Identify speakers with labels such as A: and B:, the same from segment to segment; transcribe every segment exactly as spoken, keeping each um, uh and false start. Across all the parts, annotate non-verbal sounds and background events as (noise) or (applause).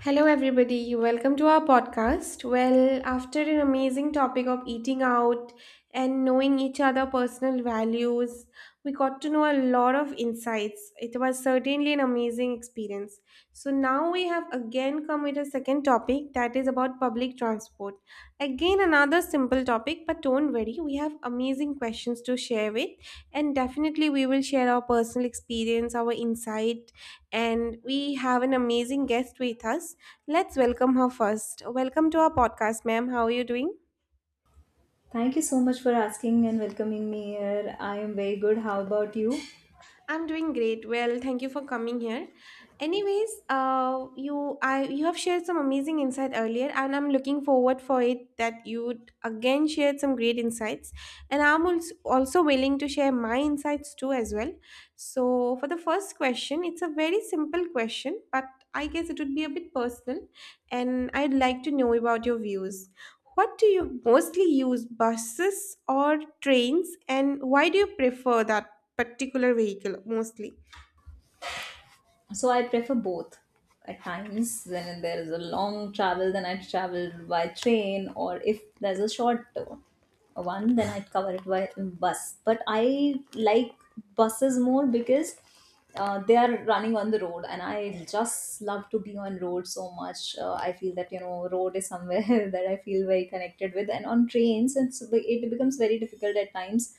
A: Hello, everybody. Welcome to our podcast. Well, after an amazing topic of eating out and knowing each other' personal values, we got to know a lot of insights. It was certainly an amazing experience. So, now we have again come with a second topic that is about public transport. Again, another simple topic, but don't worry, we have amazing questions to share with, and definitely we will share our personal experience, our insight and we have an amazing guest with us. Let's welcome her first. Welcome to our podcast, ma'am. How are you doing?
B: Thank you so much for asking and welcoming me here. I am very good. How about you?
A: I'm doing great. Well, thank you for coming here. Anyways, uh, you I you have shared some amazing insight earlier, and I'm looking forward for it that you would again shared some great insights, and I'm als- also willing to share my insights too as well. So for the first question, it's a very simple question, but I guess it would be a bit personal, and I'd like to know about your views. What do you mostly use, buses or trains, and why do you prefer that particular vehicle mostly.
B: So I prefer both. At times, when there is a long travel, then I travel by train, or if there's a short uh, one, then I cover it by bus. But I like buses more because uh, they are running on the road, and I just love to be on road so much. Uh, I feel that, you know, road is somewhere (laughs) that I feel very connected with, and on trains, it's it becomes very difficult at times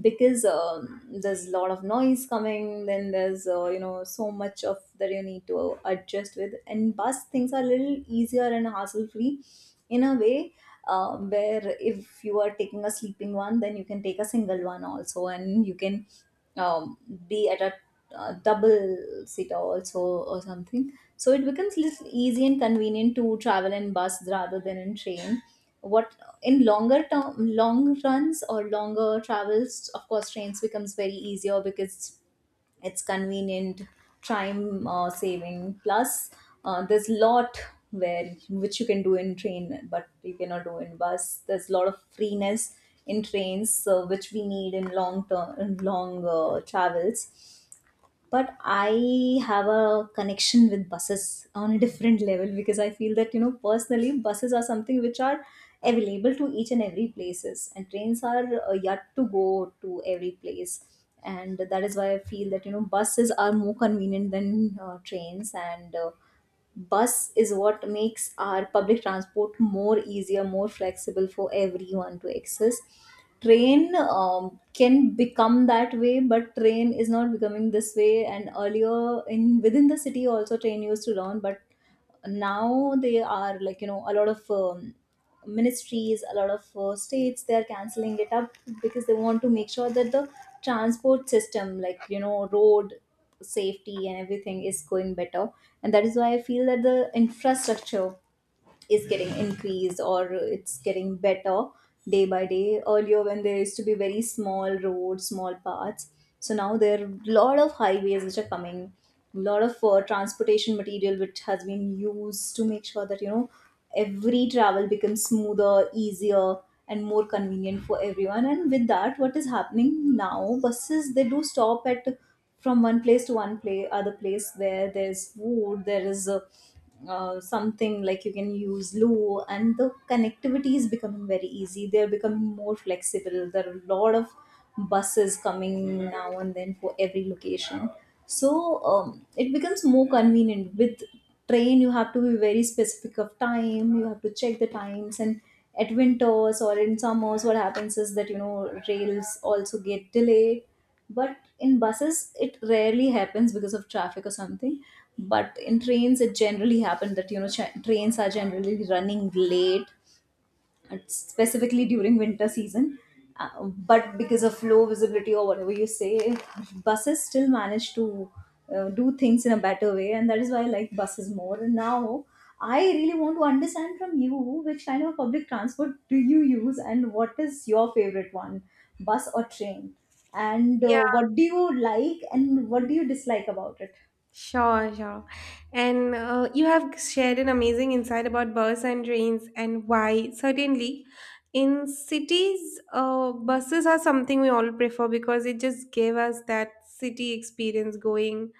B: because um, there's a lot of noise coming. Then there's, uh, you know, so much of that you need to adjust with, and bus things are a little easier and hassle free, in a way, uh, where if you are taking a sleeping one, then you can take a single one also, and you can, um, be at a, uh, double seater also or something. So it becomes little easy and convenient to travel in bus rather than in train. What In longer term, long runs or longer travels, of course trains becomes very easier because it's convenient, time uh, saving, plus uh, there's lot where which you can do in train but you cannot do in bus. There's a lot of freeness in trains, so which we need in long term, in long uh, travels. But I have a connection with buses on a different level, because I feel that, you know, personally buses are something which are available to each and every places, and trains are uh, yet to go to every place. And that is why I feel that, you know, buses are more convenient than uh, trains. And uh, bus is what makes our public transport more easier, more flexible for everyone to access. Train um, can become that way, but train is not becoming this way. And earlier, in within the city also, train used to run, but now they are, like, you know, a lot of um, ministries, a lot of uh, states, they are canceling it up, because they want to make sure that the transport system, like, you know, road safety and everything is going better. And that is why I feel that the infrastructure is getting increased, or it's getting better day by day. Earlier, when there used to be very small roads, small paths, so now there are a lot of highways which are coming, a lot of uh, transportation material which has been used to make sure that, you know, every travel becomes smoother, easier, and more convenient for everyone. And with that, what is happening now? Buses, they do stop at, from one place to one play other place, where there's food, there is a, uh, something like you can use loo, and the connectivity is becoming very easy. They're becoming more flexible. There are a lot of buses coming now and then for every location. So um, it becomes more convenient. With train, you have to be very specific of time, you have to check the times. And at winters or in summers, what happens is that, you know, rails also get delayed, but in buses it rarely happens because of traffic or something. But in trains, it generally happens that, you know, ch- trains are generally running late, uh, specifically during winter season. Uh, but because of low visibility or whatever you say, buses still manage to uh, do things in a better way, and that is why I like buses more. And now I really want to understand from you, which kind of public transport do you use, and what is your favorite one, bus or train? And
A: Yeah,
B: uh, what do you like and what do you dislike about it?
A: sure, sure. And uh, you have shared an amazing insight about bus and trains and why. Certainly, in cities, uh, buses are something we all prefer because it just gave us that city experience going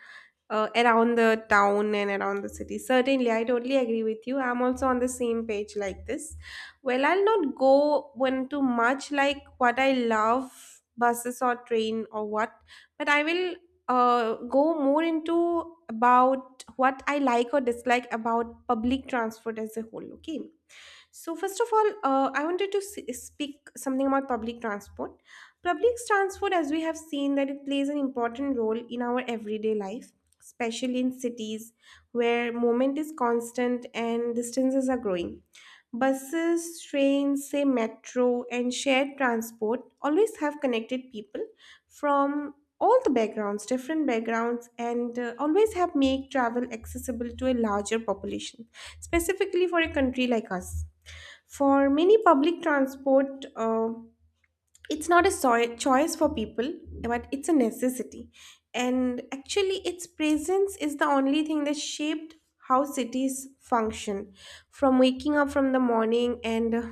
A: uh, around the town and around the city. Certainly, I totally agree with you. I'm also on the same page like this. Well, I'll not go into much like what I love buses or train or what, but I will uh, go more into about what I like or dislike about public transport as a whole. Okay. So first of all, uh, I wanted to s- speak something about public transport. Public transport, as we have seen, that it plays an important role in our everyday life, especially in cities where movement is constant and distances are growing. Buses, trains, say metro, and shared transport always have connected people from all the backgrounds, different backgrounds, and uh, always have make travel accessible to a larger population, specifically for a country like us. For many public transport, uh, it's not a soi- choice for people, but it's a necessity. And actually, its presence is the only thing that shaped how cities function. From waking up from the morning and uh,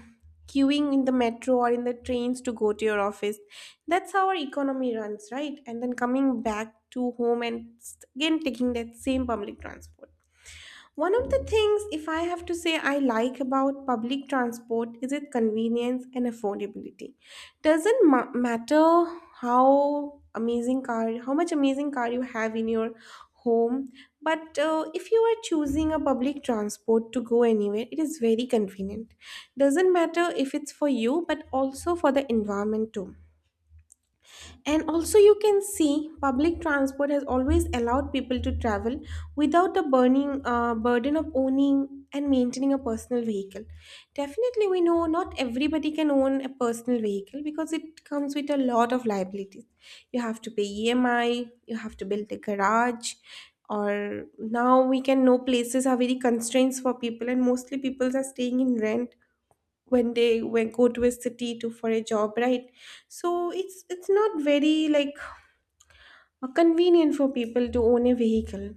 A: queuing in the metro or in the trains to go to your office, that's how our economy runs, right? And then coming back to home and st- again taking that same public transport. One of the things, if I have to say, I like about public transport is its convenience and affordability. Doesn't ma- matter how amazing car, how much amazing car you have in your home, but uh, if you are choosing a public transport to go anywhere, it is very convenient. Doesn't matter if it's for you, but also for the environment too and also, you can see public transport has always allowed people to travel without the burning uh, burden of owning and maintaining a personal vehicle. Definitely, we know not everybody can own a personal vehicle because it comes with a lot of liabilities. You have to pay E M I, you have to build a garage, or now we can know places are very constraints for people, and mostly people are staying in rent when they when go to a city to for a job, right? So it's it's not very like convenient for people to own a vehicle.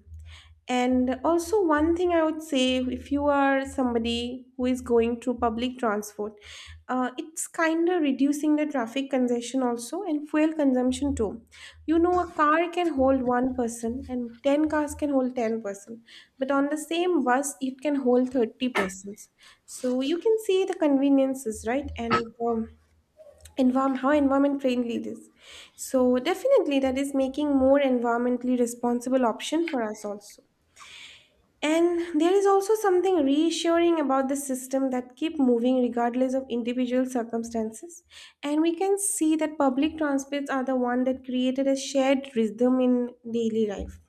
A: And also, one thing I would say if you are somebody who is going through public transport, uh, it's kind of reducing the traffic congestion also and fuel consumption too. You know, a car can hold one person and ten cars can hold ten person, but on the same bus, it can hold thirty persons. So you can see the conveniences, right? And um, environment, how environment friendly it is. So definitely that is making more environmentally responsible option for us also. And there is also something reassuring about the system that keep moving regardless of individual circumstances. And we can see that public transports are the one that created a shared rhythm in daily life.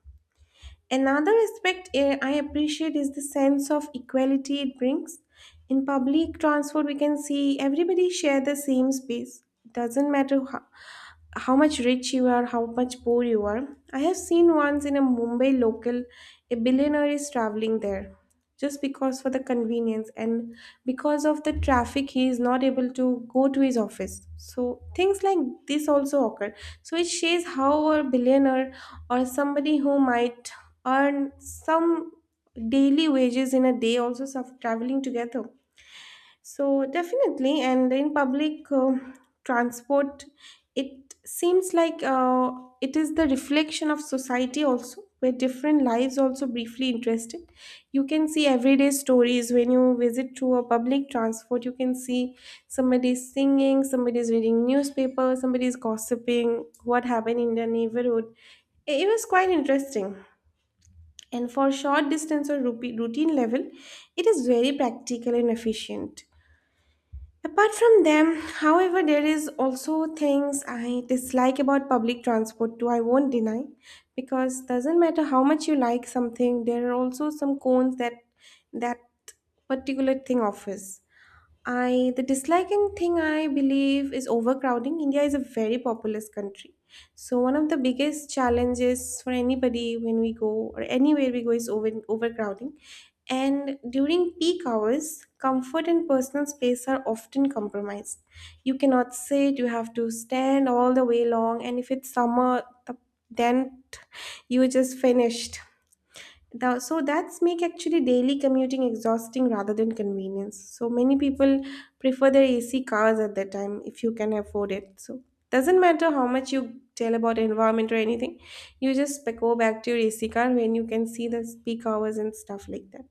A: Another aspect eh, I appreciate is the sense of equality it brings. In public transport, we can see everybody share the same space. Doesn't matter how, how much rich you are, how much poor you are. I have seen once in a Mumbai local, a billionaire is traveling there just because for the convenience and because of the traffic he is not able to go to his office, so things like this also occur. So it shows how a billionaire or somebody who might earn some daily wages in a day also of traveling together. So definitely, and in public uh, transport, it seems like uh, it is the reflection of society also where different lives also briefly interested. You can see everyday stories when you visit to a public transport. You can see somebody is singing, somebody is reading newspaper, somebody is gossiping what happened in their neighborhood. It it was quite interesting. And for short distance or rupi- routine level, it is very practical and efficient. Apart from them, however, there is also things I dislike about public transport too, I won't deny, because doesn't matter how much you like something, there are also some cons that that particular thing offers. I the disliking thing I believe is overcrowding. India is a very populous country. So one of the biggest challenges for anybody when we go or anywhere we go is over, overcrowding. And during peak hours, comfort and personal space are often compromised. You cannot sit, you have to stand all the way long, and if it's summer the- then t- you are just finished. Thou- so that's make actually daily commuting exhausting rather than convenience. So many people prefer their ac cars at that time if you can afford it. So doesn't matter how much you tell about environment or anything, you just back- go back to your ac car when you can see the peak hours and stuff like that.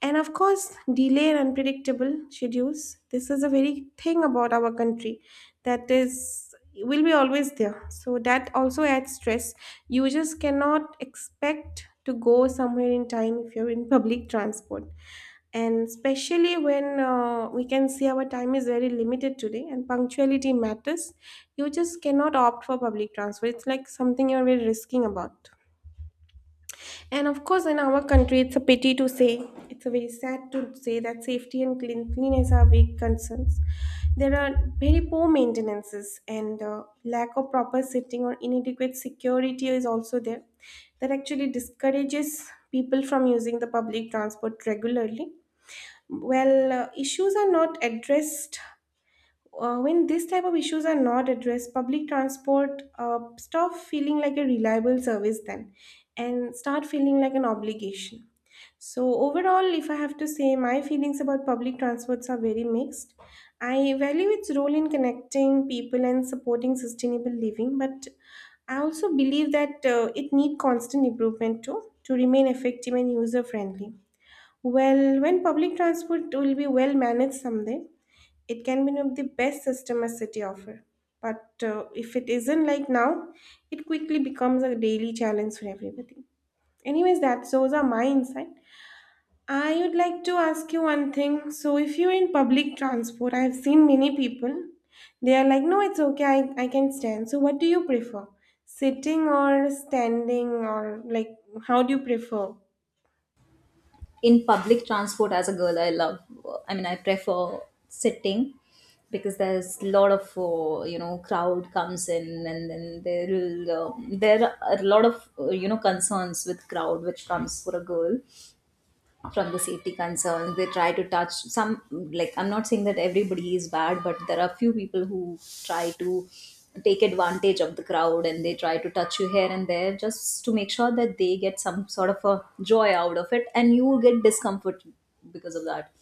A: And of course, delay and unpredictable schedules, this is a very thing about our country that is will be always there. So that also adds stress. You just cannot expect to go somewhere in time if you're in public transport. And especially when uh, we can see our time is very limited today and punctuality matters, you just cannot opt for public transport. It's like something you're very risking about. And of course, in our country, it's a pity to say, it's a very sad to say that safety and clean cleanliness are big concerns. There are very poor maintenances and uh, lack of proper sitting or inadequate security is also there. That actually discourages people from using the public transport regularly. Well, uh, issues are not addressed uh, when this type of issues are not addressed, public transport uh, stop feeling like a reliable service then and start feeling like an obligation. So overall, if I have to say, my feelings about public transports are very mixed. I value its role in connecting people and supporting sustainable living, but I also believe that uh, it need constant improvement too to remain effective and user friendly. Well, when public transport will be well managed someday, it can be one of the best system a city offer, but uh, if it isn't like now, it quickly becomes a daily challenge for everybody. Anyways, that's those are my insight. I would like to ask you one thing. So if you're in public transport, I've seen many people, they are like, no, it's okay, i, I can stand. So what do you prefer, sitting or standing, or like, how do you prefer?
B: In public transport, as a girl, I love I mean I prefer sitting, because there's a lot of, uh, you know, crowd comes in, and then there will, uh, there are a lot of, uh, you know, concerns with crowd which comes for a girl. From the safety concerns, they try to touch some, like, I'm not saying that everybody is bad, but there are few people who try to take advantage of the crowd, and they try to touch you here and there just to make sure that they get some sort of a joy out of it, and you will get discomfort because of that.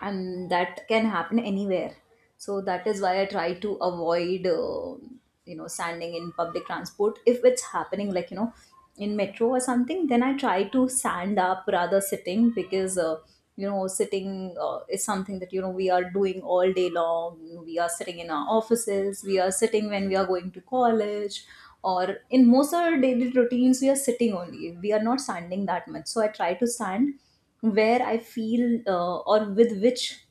B: And that can happen anywhere. So that is why I try to avoid, uh, you know, standing in public transport. If it's happening, like, you know, in metro or something, then I try to stand up rather sitting, because, uh, you know, sitting, uh, is something that, you know, we are doing all day long. We are sitting in our offices, we are sitting when we are going to college, or in most of our daily routines, we are sitting only, we are not standing that much. So I try to stand where I feel, uh, or with which,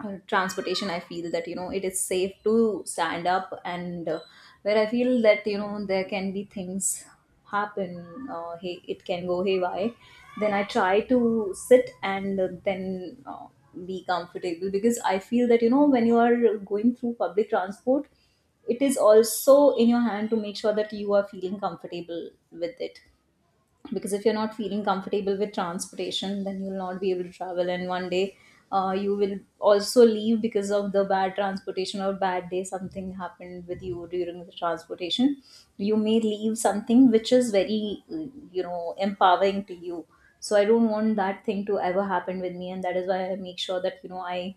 B: uh, transportation I feel that, you know, it is safe to stand up. And uh, where I feel that, you know, there can be things happen, uh, hey, it can go haywire, then I try to sit, and uh, then uh, be comfortable, because I feel that, you know, when you are going through public transport, it is also in your hand to make sure that you are feeling comfortable with it. Because if you're not feeling comfortable with transportation, then you'll not be able to travel, and one day, uh, you will also leave because of the bad transportation, or bad day something happened with you during the transportation, you may leave something which is very, uh, you know, empowering to you. So I don't want that thing to ever happen with me, and that is why I make sure that, you know i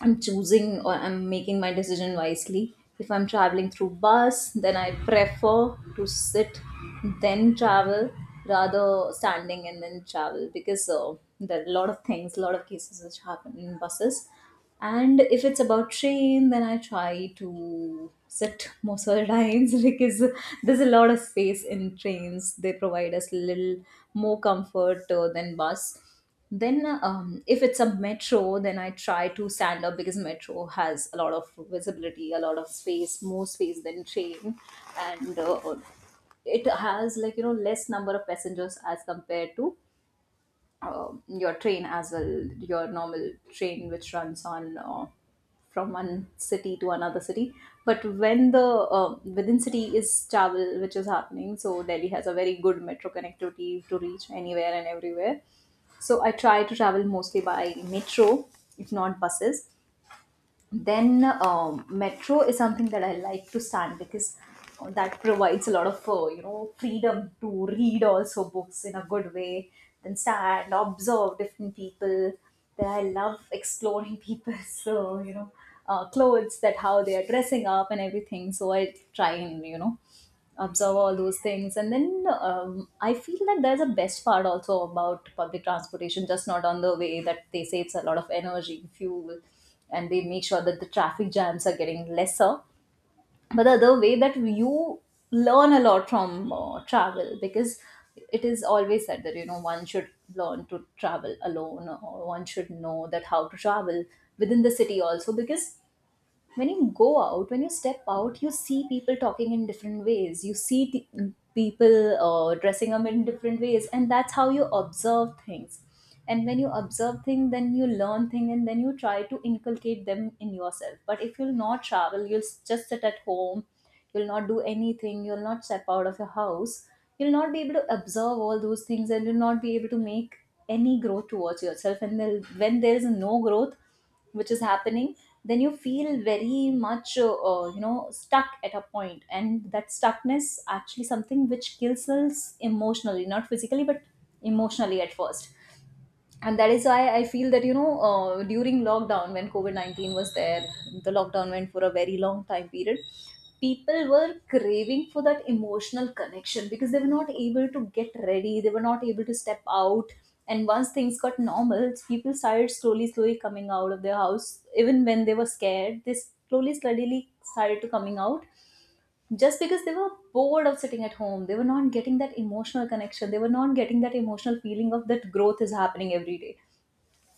B: I'm choosing, or I'm making my decision wisely. If I'm traveling through bus, then I prefer to sit, then travel, rather standing and then travel, because uh, there are a lot of things, a lot of cases which happen in buses. And if it's about train, then I try to sit most of the times (laughs) because there's a lot of space in trains. They provide us a little more comfort uh, than bus. Then, um, if it's a metro, then I try to stand up, because metro has a lot of visibility, a lot of space, more space than train, and uh, it has, like, you know, less number of passengers as compared to, um your train as well, your normal train which runs on, uh, from one city to another city. But when the, uh, within city is travel which is happening, so Delhi has a very good metro connectivity to reach anywhere and everywhere. So I try to travel mostly by metro, if not buses. Then um, metro is something that I like to stand, because uh, that provides a lot of, uh, you know, freedom to read also books in a good way, then stand, observe different people. Then I love exploring people's (laughs) so, you know, uh, clothes, that how they are dressing up and everything. So I try and, you know, observe all those things. And then, um, I feel that there's a best part also about public transportation, just not on the way that they save a lot of energy, fuel, and they make sure that the traffic jams are getting lesser, but the other way, that you learn a lot from uh, travel. Because it is always said that, you know, one should learn to travel alone, or one should know that how to travel within the city also, because when you go out, when you step out, you see people talking in different ways, you see t- people uh, dressing up in different ways, and that's how you observe things. And when you observe things, then you learn things, and then you try to inculcate them in yourself. But if you'll not travel, you'll s- just sit at home, you'll not do anything, you'll not step out of your house, you'll not be able to observe all those things, and you'll not be able to make any growth towards yourself. And there, when there is no growth which is happening, then you feel very much, uh, uh, you know, stuck at a point. And that stuckness actually something which kills us emotionally, not physically, but emotionally at first. And that is why I feel that, you know, uh, during lockdown, when covid nineteen was there, the lockdown went for a very long time period, people were craving for that emotional connection, because they were not able to get ready, they were not able to step out. And once things got normal, people started slowly slowly coming out of their house. Even when they were scared, they slowly slowly started to coming out, just because they were bored of sitting at home. They were not getting that emotional connection, they were not getting that emotional feeling of that growth is happening every day.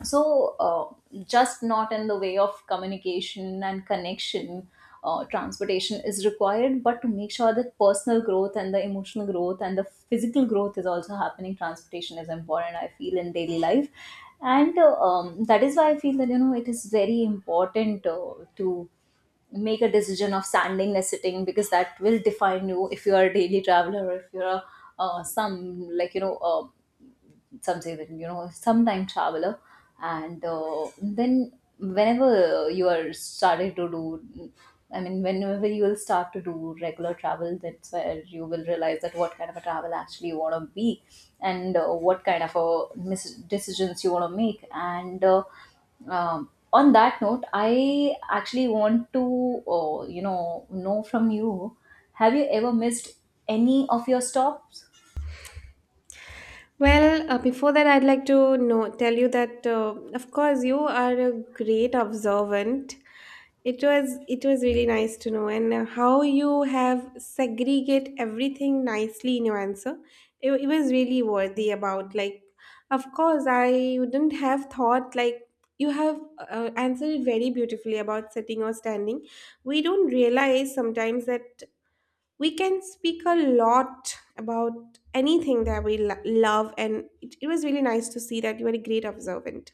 B: so uh, just not in the way of communication and connection. Uh, transportation is required, but to make sure that personal growth and the emotional growth and the physical growth is also happening, transportation is important, I feel, in daily life. And uh, um, That is why I feel that you know it is very important uh, to make a decision of standing or sitting, because that will define you if you are a daily traveler or if you're a uh, some like you know uh, some say that you know sometime traveler. And uh, then whenever you are started to do i mean whenever you will start to do regular travel, that's where you will realize that what kind of a travel actually you want to be. And uh, what kind of a mis- decisions you want to make. And uh, um, On that note, I actually want to uh, you know know from you, have you ever missed any of your stops?
A: Well, uh, before that, I'd like to know, tell you that, uh, of course, you are a great observant. It was it was really nice to know, and uh, how you have segregate everything nicely in your answer. It, it was really worthy about like, of course, I wouldn't have thought like you have uh, answered it very beautifully about sitting or standing. We don't realize sometimes that we can speak a lot about anything that we lo- love, and it, it was really nice to see that you are a great observant.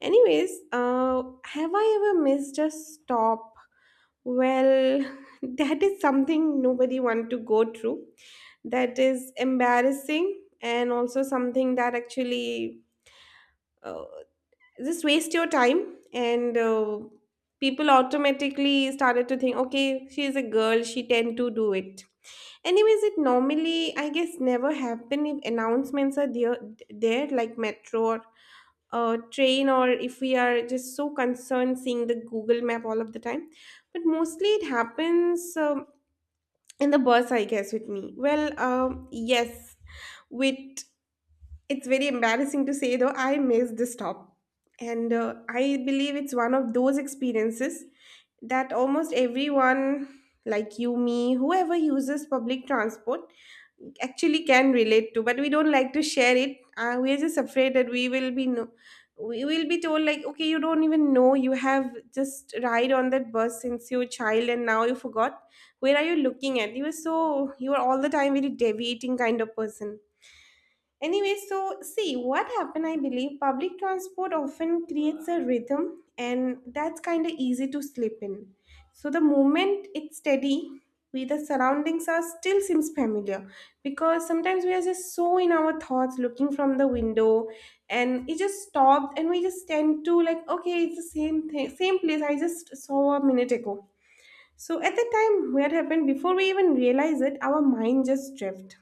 A: Anyways, uh, have I ever missed a stop? Well, (laughs) that is something nobody want to go through. That is embarrassing, and also something that actually uh, just waste your time, and uh, people automatically started to think, okay, she is a girl, she tend to do it. Anyways, it normally, I guess, never happen if announcements are there, there like metro or uh, train, or if we are just so concerned seeing the Google map all of the time. But mostly it happens um, in the bus, I guess, with me. Well, um, yes, with it's very embarrassing to say though, I missed the stop. And uh, I believe it's one of those experiences that almost everyone, like you, me, whoever uses public transport, actually can relate to, but we don't like to share it uh, We are just afraid that we will be no- we will be told like, okay, you don't even know, you have just ride on that bus since you were a child and now you forgot where are you looking at, you were so you were all the time very deviating kind of person. Anyway, so see what happened. I believe public transport often creates a rhythm, and that's kind of easy to slip in. So the moment it's steady, we the surroundings are still seems familiar, because sometimes we are just so in our thoughts, looking from the window, and it just stopped, and we just tend to like, okay, it's the same thing, same place I just saw a minute ago. So at the time, what happened before we even realize it, our mind just drift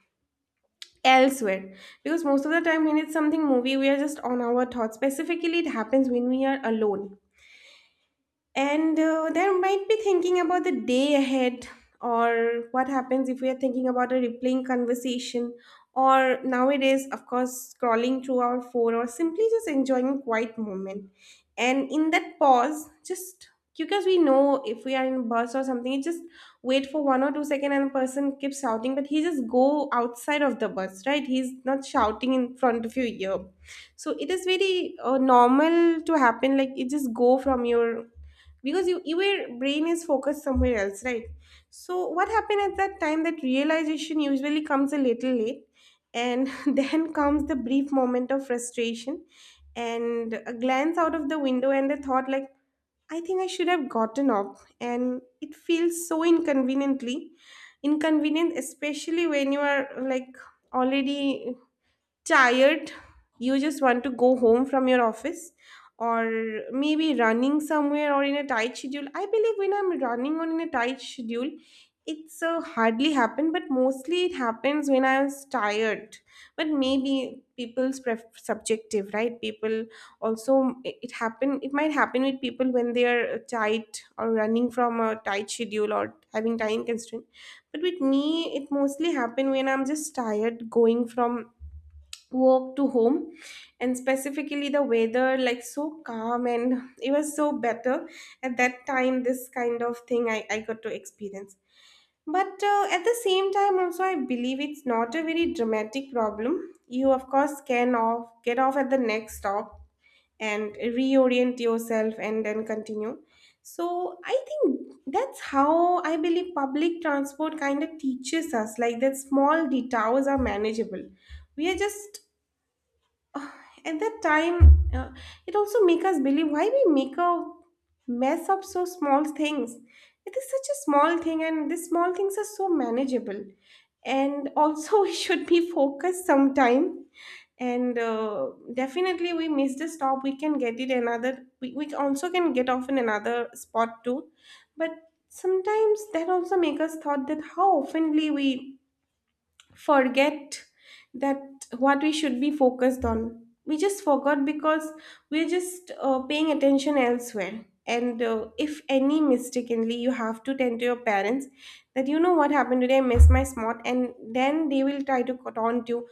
A: elsewhere, because most of the time when it's something movie we are just on our thoughts, specifically it happens when we are alone. And uh, There might be thinking about the day ahead, or what happens if we are thinking about a replaying conversation, or nowadays, of course, scrolling through our phone, or simply just enjoying a quiet moment. And in that pause, just because we know if we are in a bus or something, you just wait for one or two seconds and the person keeps shouting, but he just go outside of the bus, right? He's not shouting in front of your ear. So it is very uh, normal to happen. Like it just go from your, because you your brain is focused somewhere else, right? So what happened at that time, that realization usually comes a little late, and (laughs) then comes the brief moment of frustration and a glance out of the window and the thought like I think I should have gotten up, and it feels so inconveniently inconvenient, especially when you are, like, already tired, you just want to go home from your office, or maybe running somewhere or in a tight schedule. I believe when I'm running on in a tight schedule, it's uh, hardly happen, but mostly it happens when I was tired. But maybe people's pref- subjective, right? People also, it it happen. It might happen with people when they are uh, tight or running from a tight schedule or having time constraint. But with me, it mostly happen when I'm just tired going from walk to home, and specifically the weather like so calm and it was so better at that time, this kind of thing i, I got to experience. But uh, at the same time also I believe it's not a very dramatic problem. You of course can off get off at the next stop and reorient yourself and then continue. So I think that's how I believe public transport kind of teaches us like that small detours are manageable. We are just at that time uh, it also make us believe why we make a mess of so small things. It is such a small thing, and these small things are so manageable, and also (laughs) we should be focused sometime. And uh, Definitely we miss the stop, we can get it another, we, we also can get off in another spot too. But sometimes that also make us thought that how oftenly we forget that what we should be focused on, we just forgot, because we're just uh, paying attention elsewhere, and uh, if any mistakenly you have to tend to your parents that, you know what happened today, I missed my spot, and then they will try to cut on you,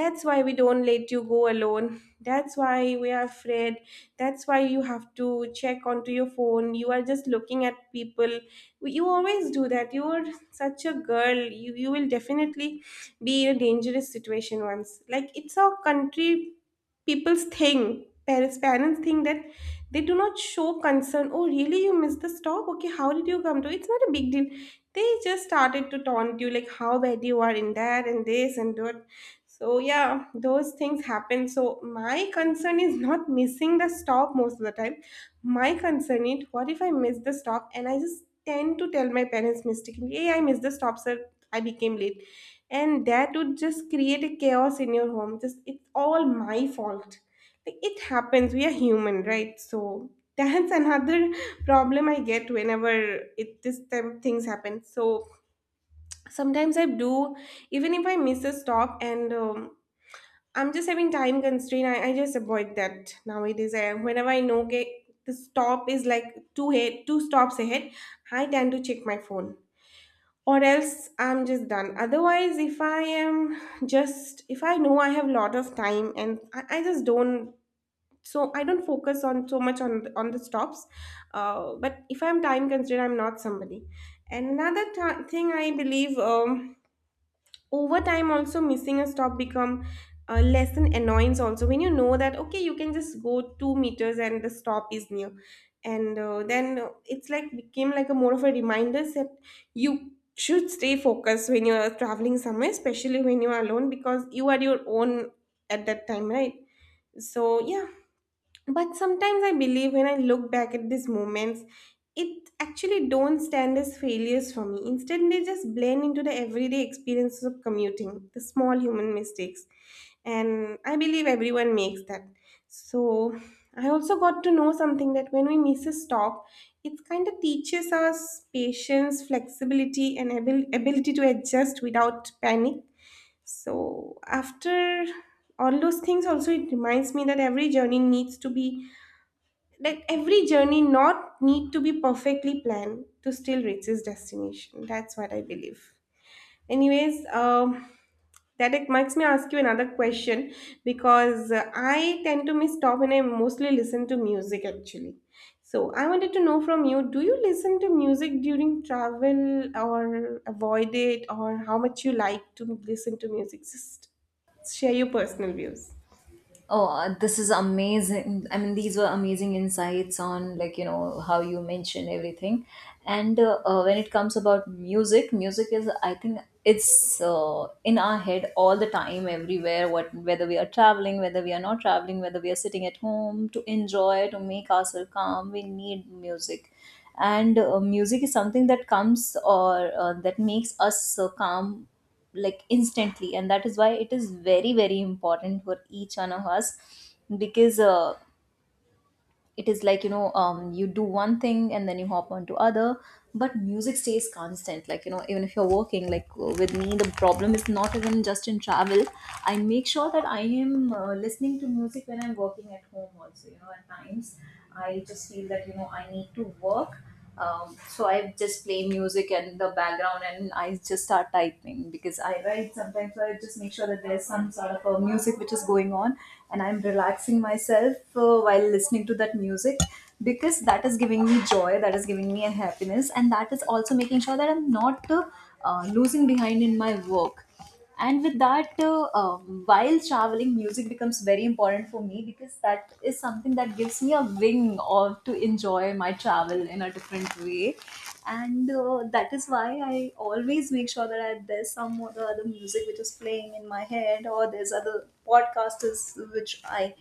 A: that's why we don't let you go alone, that's why we are afraid, that's why you have to check onto your phone, you are just looking at people, you always do that, you are such a girl, you, you will definitely be in a dangerous situation once. Like it's a country people's thing. Parents parents think that they do not show concern. Oh, really, you missed the stop? Okay, how did you come to, it's not a big deal. They just started to taunt you like how bad you are in that and this and that. So yeah, those things happen. So my concern is not missing the stop most of the time. My concern is what if I miss the stop and I just tend to tell my parents mistakenly, hey, I missed the stop, sir. I became late, and that would just create a chaos in your home, just it's all my fault. Like it happens, we are human, right? So that's another (laughs) problem I get whenever it this type of things happen. So sometimes I do, even if I miss a stop, and um, I'm just having time constraint, I, I just avoid that nowadays. I, whenever I know okay, the stop is like two head two stops ahead, I tend to check my phone. Or else I'm just done, otherwise if I am just, if I know I have a lot of time, and i, I just don't, so I don't focus on so much on on the stops. Uh, but if I'm time constrained, I'm not somebody. And another t- thing I believe, um, over time also missing a stop become uh, less an annoyance, also when you know that okay you can just go two meters and the stop is near. And uh, then uh, It's like became like a more of a reminder that you should stay focused when you are traveling somewhere, especially when you are alone, because you are your own at that time, right? So yeah. But sometimes I believe when I look back at these moments, it actually don't stand as failures for me. Instead, they just blend into the everyday experiences of commuting, the small human mistakes. And I believe everyone makes that. So I also got to know something that when we miss a stop, it kind of teaches us patience, flexibility, and abil- ability to adjust without panic. So after all those things also it reminds me that every journey needs to be, that every journey not need to be perfectly planned to still reach its destination. That's what I believe. Anyways, um that it makes me ask you another question, because uh, I tend to miss top and I mostly listen to music actually. So I wanted to know from you, do you listen to music during travel or avoid it, or how much you like to listen to music? Just share your personal views.
B: Oh, uh, this is amazing. I mean, these were amazing insights on, like, you know, how you mentioned everything. And uh, uh, when it comes about music, music is, I think it's uh, in our head all the time, everywhere, what, whether we are traveling, whether we are not traveling, whether we are sitting at home to enjoy, to make ourselves calm, we need music. And uh, music is something that comes or uh, that makes us uh, calm like instantly, and that is why it is very very important for each one of us. Because uh, it is like you know um, you do one thing and then you hop on to other, but music stays constant, like you know, even if you're working, like uh, with me the problem is not even just in travel. I make sure that I am uh, listening to music when I'm working at home also, you know. At times I just feel that you know I need to work. Um, so I just play music in the background and I just start typing because I write sometimes. So I just make sure that there's some sort of a music which is going on, and I'm relaxing myself uh, while listening to that music, because that is giving me joy, that is giving me a happiness, and that is also making sure that I'm not uh, uh, losing behind in my work. And with that uh, uh, while traveling music becomes very important for me, because that is something that gives me a wing or to enjoy my travel in a different way. And uh, that is why I always make sure that I, there's some other, other music which is playing in my head, or there's other podcasters which I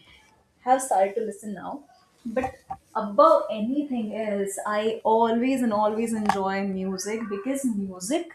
B: have started to listen now. But above anything else, I always and always enjoy music, because music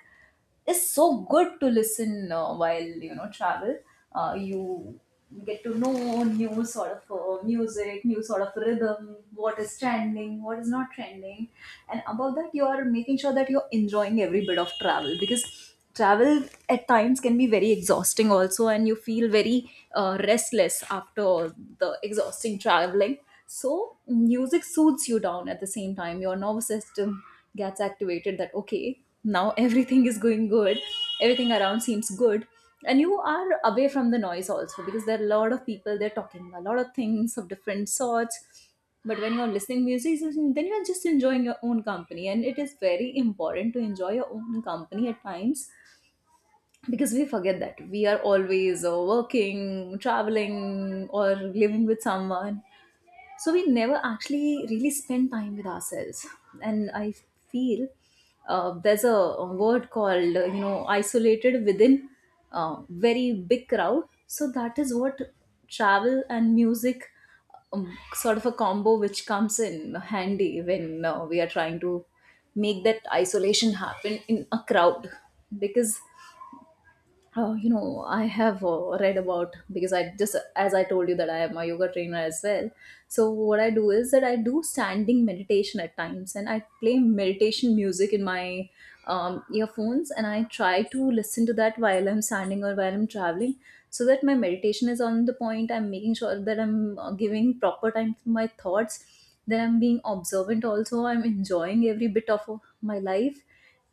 B: is so good to listen uh, while you know travel. Uh, you get to know new sort of uh, music, new sort of rhythm, what is trending, what is not trending, and above that, you are making sure that you're enjoying every bit of travel, because travel at times can be very exhausting also, and you feel very uh, restless after the exhausting traveling. So music soothes you down, at the same time your nervous system gets activated that okay, now everything is going good, everything around seems good, and you are away from the noise also, because there are a lot of people, they're talking a lot of things of different sorts. But when you're listening music, then you're just enjoying your own company, and it is very important to enjoy your own company at times, because we forget that we are always uh, working, traveling, or living with someone, so we never actually really spend time with ourselves. And I feel uh, there's a, a word called uh, you know isolated within a very big crowd. So that is what travel and music, um, sort of a combo which comes in handy when uh, we are trying to make that isolation happen in a crowd. Because oh, you know, I have uh, read about, because I just, as I told you that I am a yoga trainer as well. So what I do is that I do standing meditation at times, and I play meditation music in my um, earphones, and I try to listen to that while I'm standing or while I'm traveling, so that my meditation is on the point. I'm making sure that I'm uh, giving proper time to my thoughts. Then I'm being observant. Also, I'm enjoying every bit of uh, my life,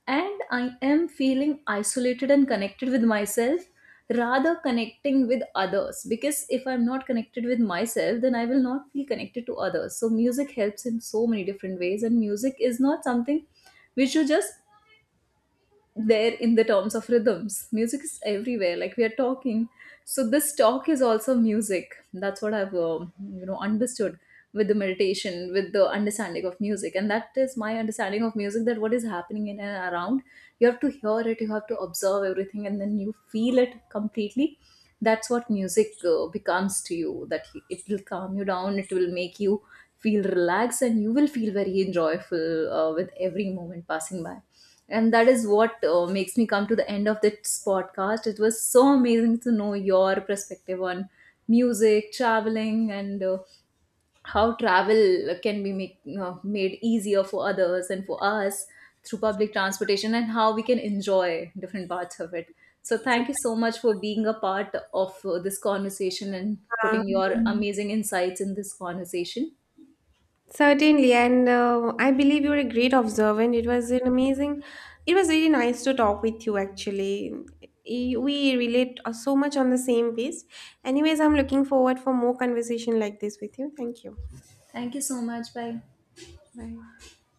B: and I am feeling isolated and connected with myself, rather connecting with others, because if I'm not connected with myself then I will not feel connected to others. So music helps in so many different ways, and music is not something which you just there in the terms of rhythms. Music is everywhere, like we are talking. So this talk is also music. That's what I've um you know understood with the meditation, with the understanding of music, and that is my understanding of music. That what is happening in and around, you have to hear it, you have to observe everything, and then you feel it completely. That's what music uh, becomes to you. That it will calm you down, it will make you feel relaxed, and you will feel very enjoyable uh, with every moment passing by. And that is what uh, makes me come to the end of this podcast. It was so amazing to know your perspective on music, traveling, and uh, how travel can be make, you made easier for others and for us through public transportation, and how we can enjoy different parts of it. So thank you so much for being a part of uh, this conversation and putting your
A: Um,
B: amazing insights in this conversation.
A: Certainly, and uh, I believe you're a great observer, and it was an amazing, it was really nice to talk with you actually. Y- We relate uh, so much on the same base. Anyways, I'm looking forward for more conversation like this with you. Thank you.
B: Thank you so much. Bye.
A: Bye.